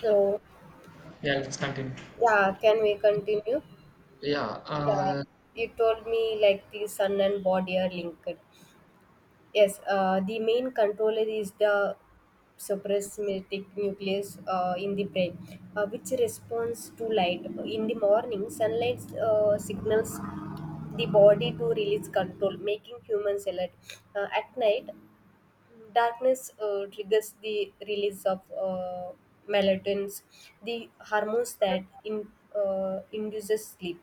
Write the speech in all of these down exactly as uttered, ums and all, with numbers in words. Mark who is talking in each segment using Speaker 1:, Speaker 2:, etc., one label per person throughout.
Speaker 1: So,
Speaker 2: Yeah, let's continue.
Speaker 1: yeah, can we continue?
Speaker 2: Yeah,
Speaker 1: Yeah,
Speaker 2: uh,
Speaker 1: you told me like the sun and body are linked. Yes, uh, the main controller is the suprasymmetric nucleus uh, in the brain, uh, which responds to light. In the morning, sunlight uh, signals the body to release control, making humans alert. Uh, at night, darkness uh, triggers the release of uh, melatonin, the hormones that in, uh, induces sleep.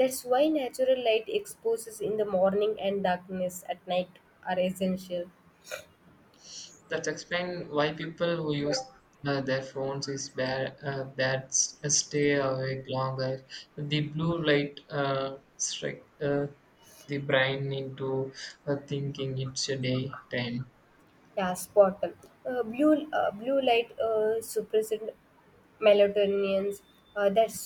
Speaker 1: That's why natural light exposes in the morning and darkness at night are essential.
Speaker 2: that's explain why people who use uh, their phones is bad, uh, bad s- uh, stay awake longer. The blue light uh, strike uh, the brain into uh, thinking it's a daytime.
Speaker 1: Yeah, spot on. Uh, blue uh, blue light uh, suppresses melatonin. Uh, that's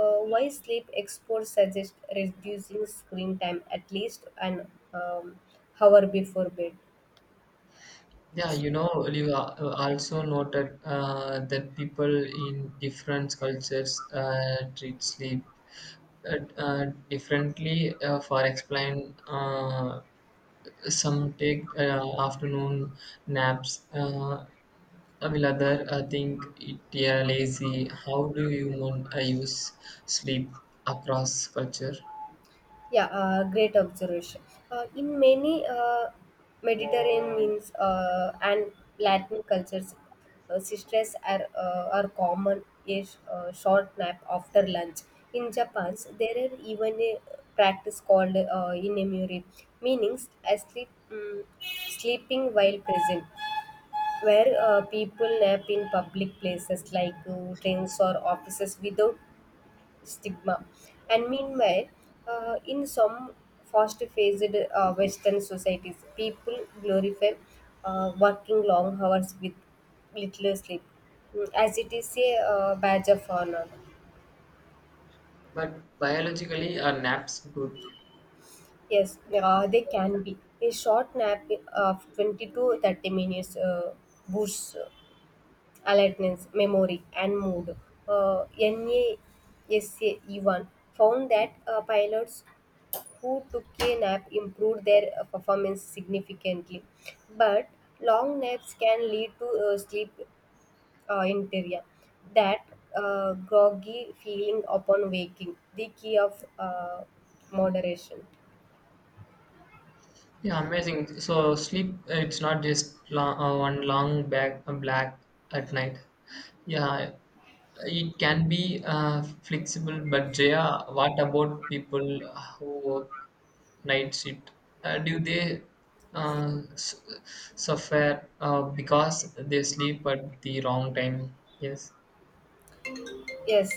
Speaker 1: uh, Why sleep experts suggest reducing screen time at least an um, hour before bed.
Speaker 2: Yeah, you know, you a- uh, also noted uh, that people in different cultures uh, treat sleep uh, uh, differently. Uh, for explain. Uh, Some take uh, afternoon naps, uh, while other uh, think it yeah, lazy. How do human uh, use sleep across culture?
Speaker 1: Yeah, uh, great observation. Uh, in many uh, Mediterranean means uh, and Latin cultures, uh, sisters are uh, are common a sh- uh, short nap after lunch. In Japan, there are even a practice called uh, inemuri, meaning asleep, um, sleeping while present, where uh, people nap in public places like uh, trains or offices without stigma. And meanwhile, uh, in some fast-paced uh, Western societies, people glorify uh, working long hours with little sleep, mm, as it is a uh, badge of honor.
Speaker 2: But biologically, are naps good?
Speaker 1: Yes, uh, they can be. A short nap uh, of twenty to thirty minutes uh, boosts alertness, memory, and mood. Uh, NASA even found that uh, pilots who took a nap improved their uh, performance significantly. But long naps can lead to uh, sleep uh, inertia, that uh, groggy feeling upon waking, the key of uh, moderation.
Speaker 2: Yeah, amazing. So sleep, uh, it's not just long, uh, one long back, uh, black at night. Yeah, it can be uh, flexible, but Jaya, what about people who work night shift? Uh, do they uh, s- suffer uh, because they sleep at the wrong time? Yes,
Speaker 1: Yes,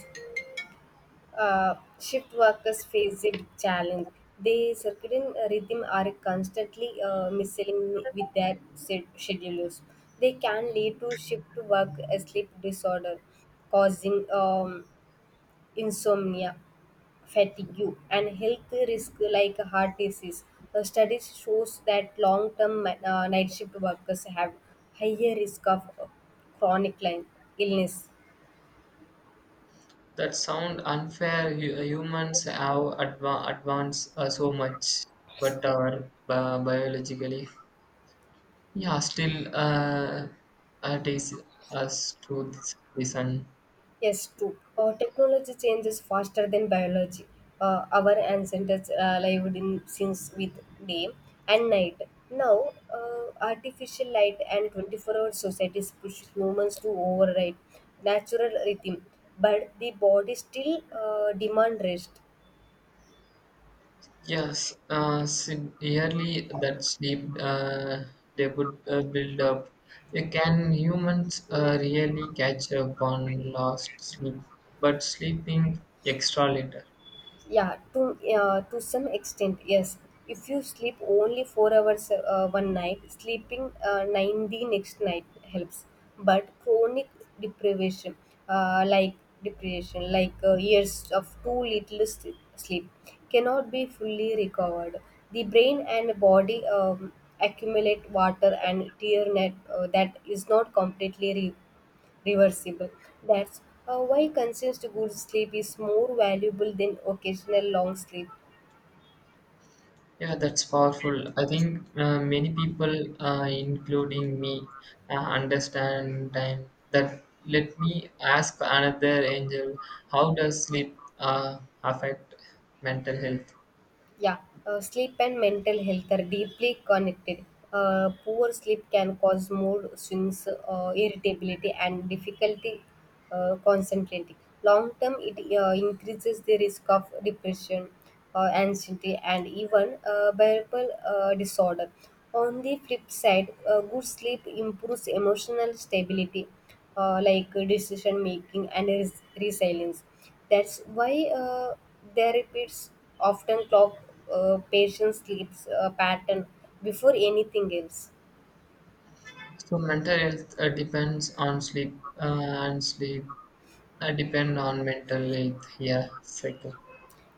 Speaker 1: uh, shift workers face a challenge. The circadian rhythm are constantly uh, misaligned with their sed- schedules. They can lead to shift work sleep disorder, causing um, insomnia, fatigue, and health risk like heart disease. A study shows that long-term ma- uh, night shift workers have higher risk of uh, chronic li- illness.
Speaker 2: that sound unfair. Hu- Humans have adva- advanced uh, so much, but are bi- biologically. Yeah, still uh, uh, Takes us reason.
Speaker 1: Yes, true. Uh, technology changes faster than biology. Uh, our ancestors uh, lived in since with day and night. Now, uh, artificial light and twenty-four-hour societies push humans to override natural rhythm, but the body still uh, demand rest.
Speaker 2: Yes, uh, severely that sleep uh, they would uh, build up. Uh, Can humans uh, really catch up on lost sleep? But sleeping extra little.
Speaker 1: Yeah, to uh, to some extent, yes. If you sleep only four hours uh, one night, sleeping uh, nine the next night helps. But chronic deprivation, uh, like deprivation, like uh, years of too little sleep, sleep, cannot be fully recovered. The brain and body um, accumulate water and tear net uh, that is not completely re- reversible. That's uh, Why consistent good sleep is more valuable than occasional long sleep.
Speaker 2: Yeah, that's powerful. I think uh, many people, uh, including me, uh, understand time. That let me ask another angel, how does sleep uh, affect mental health?
Speaker 1: Yeah, uh, sleep and mental health are deeply connected. Uh, poor sleep can cause mood swings, uh, irritability, and difficulty uh, concentrating. Long term, it uh, increases the risk of depression, uh, anxiety, and even uh, bipolar uh, disorder. On the flip side, uh, good sleep improves emotional stability uh, like uh, decision making and res- resilience. That's why uh, their repeats often clock uh, patient sleeps uh, pattern before anything else.
Speaker 2: So mental health uh, depends on sleep, uh, and sleep uh, depend on mental health. Yeah, cycle.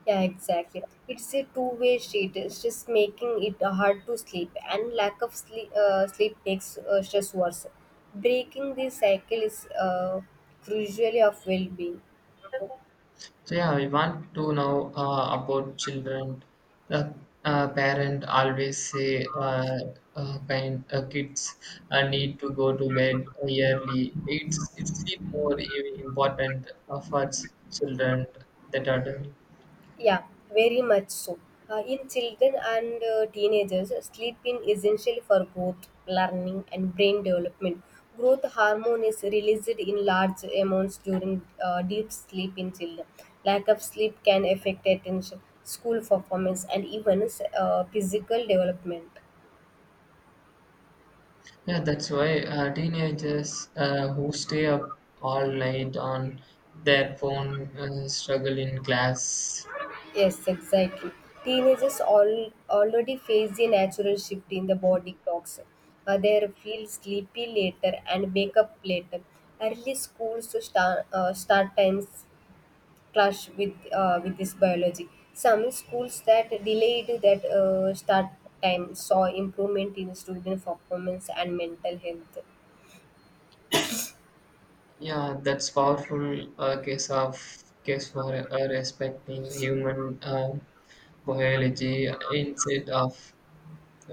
Speaker 1: Yeah, exactly. It's a two-way street. It's just making it hard to sleep, and lack of sleep uh, sleep makes uh, stress worse. Breaking this cycle is uh, crucial of well-being.
Speaker 2: So yeah, we want to know uh, about children. The uh, parent always say uh, uh, kind uh, kids uh, need to go to bed early. It's it's sleep more i- important uh, for ch- children than adults.
Speaker 1: Yeah, very much so. Uh, in children and uh, teenagers, sleep is essential for growth, learning, and brain development. Growth hormone is released in large amounts during uh, deep sleep in children. Lack of sleep can affect attention, school performance, and even uh, physical development.
Speaker 2: Yeah, that's why uh, teenagers uh, who stay up all night on their phone uh, struggle in class.
Speaker 1: Yes, exactly. Teenagers all, already face the natural shift in the body clocks. Uh, they feel sleepy later and wake up later. Early schools to start, uh, start times clash with uh, with this biology. Some schools that delayed that uh, start time saw improvement in student performance and mental health.
Speaker 2: Yeah, that's powerful uh, case of case for uh, respecting human um biology instead of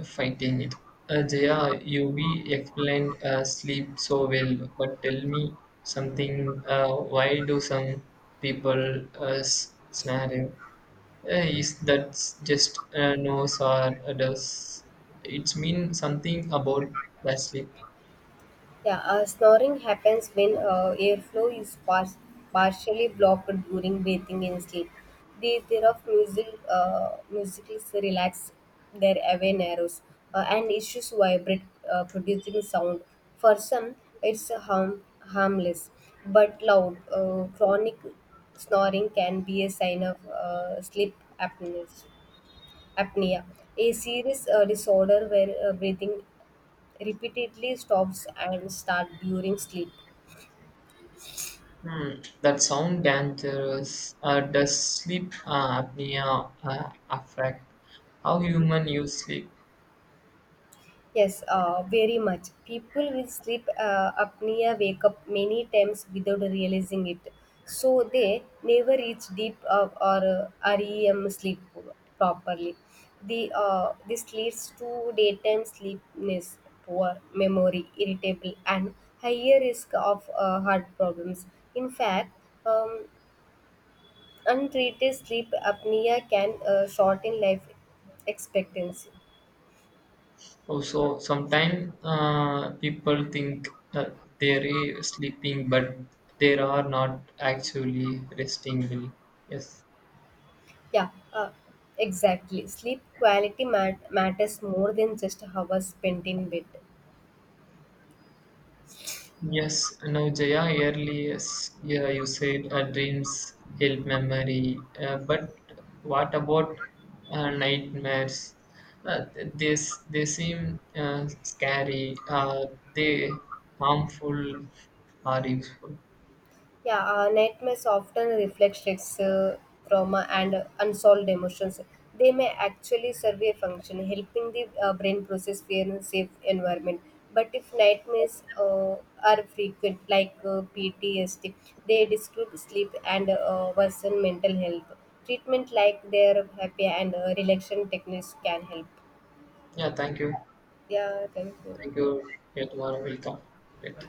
Speaker 2: fighting it. Uh, Jaya, you we explained uh, sleep so well, but tell me something. Uh, why do some people uh, s- scenario? Uh, is that just uh, no, or does it mean something about the sleep?
Speaker 1: Yeah, uh, snoring happens when uh, airflow is par- partially blocked during breathing in sleep. The thereof music, uh, musicals relax their away nerves uh, and issues vibrate, uh, producing sound. For some, it's harm- harmless, but loud, uh, chronic snoring can be a sign of uh, sleep apneas- apnea, a serious uh, disorder where uh, breathing repeatedly stops and start during sleep.
Speaker 2: Hmm, that sound dangerous. Uh, does sleep uh, apnea uh, affect how human use sleep?
Speaker 1: Yes, uh, very much. People with sleep uh, apnea, wake up many times without realizing it. So they never reach deep uh, or uh, R E M sleep properly. The uh, This leads to daytime sleepiness, poor memory, irritable, and higher risk of uh, heart problems. In fact, um, untreated sleep apnea can uh, shorten life expectancy.
Speaker 2: Also, sometimes uh, people think that they're sleeping, but they are not actually resting. Well, yes.
Speaker 1: Yeah, uh, exactly. Sleep quality mat- matters more than just hours spent in bed.
Speaker 2: Yes, now Jaya, earlier yes, yeah, you said uh, dreams help memory, uh, but what about uh, nightmares? Uh, th- they, s- they seem uh, scary, uh, they harmful or useful.
Speaker 1: Yeah, uh, nightmares often reflect stress, uh, trauma, and uh, unsolved emotions. They may actually serve a function, helping the uh, brain process fear in a safe environment. But if nightmares uh, are frequent, like uh, P T S D, they disrupt sleep and uh, worsen mental health. Treatment like their happy and uh, relaxation techniques can help.
Speaker 2: Yeah, thank you.
Speaker 1: Yeah, thank you.
Speaker 2: Thank you. Yeah, tomorrow will talk. Later.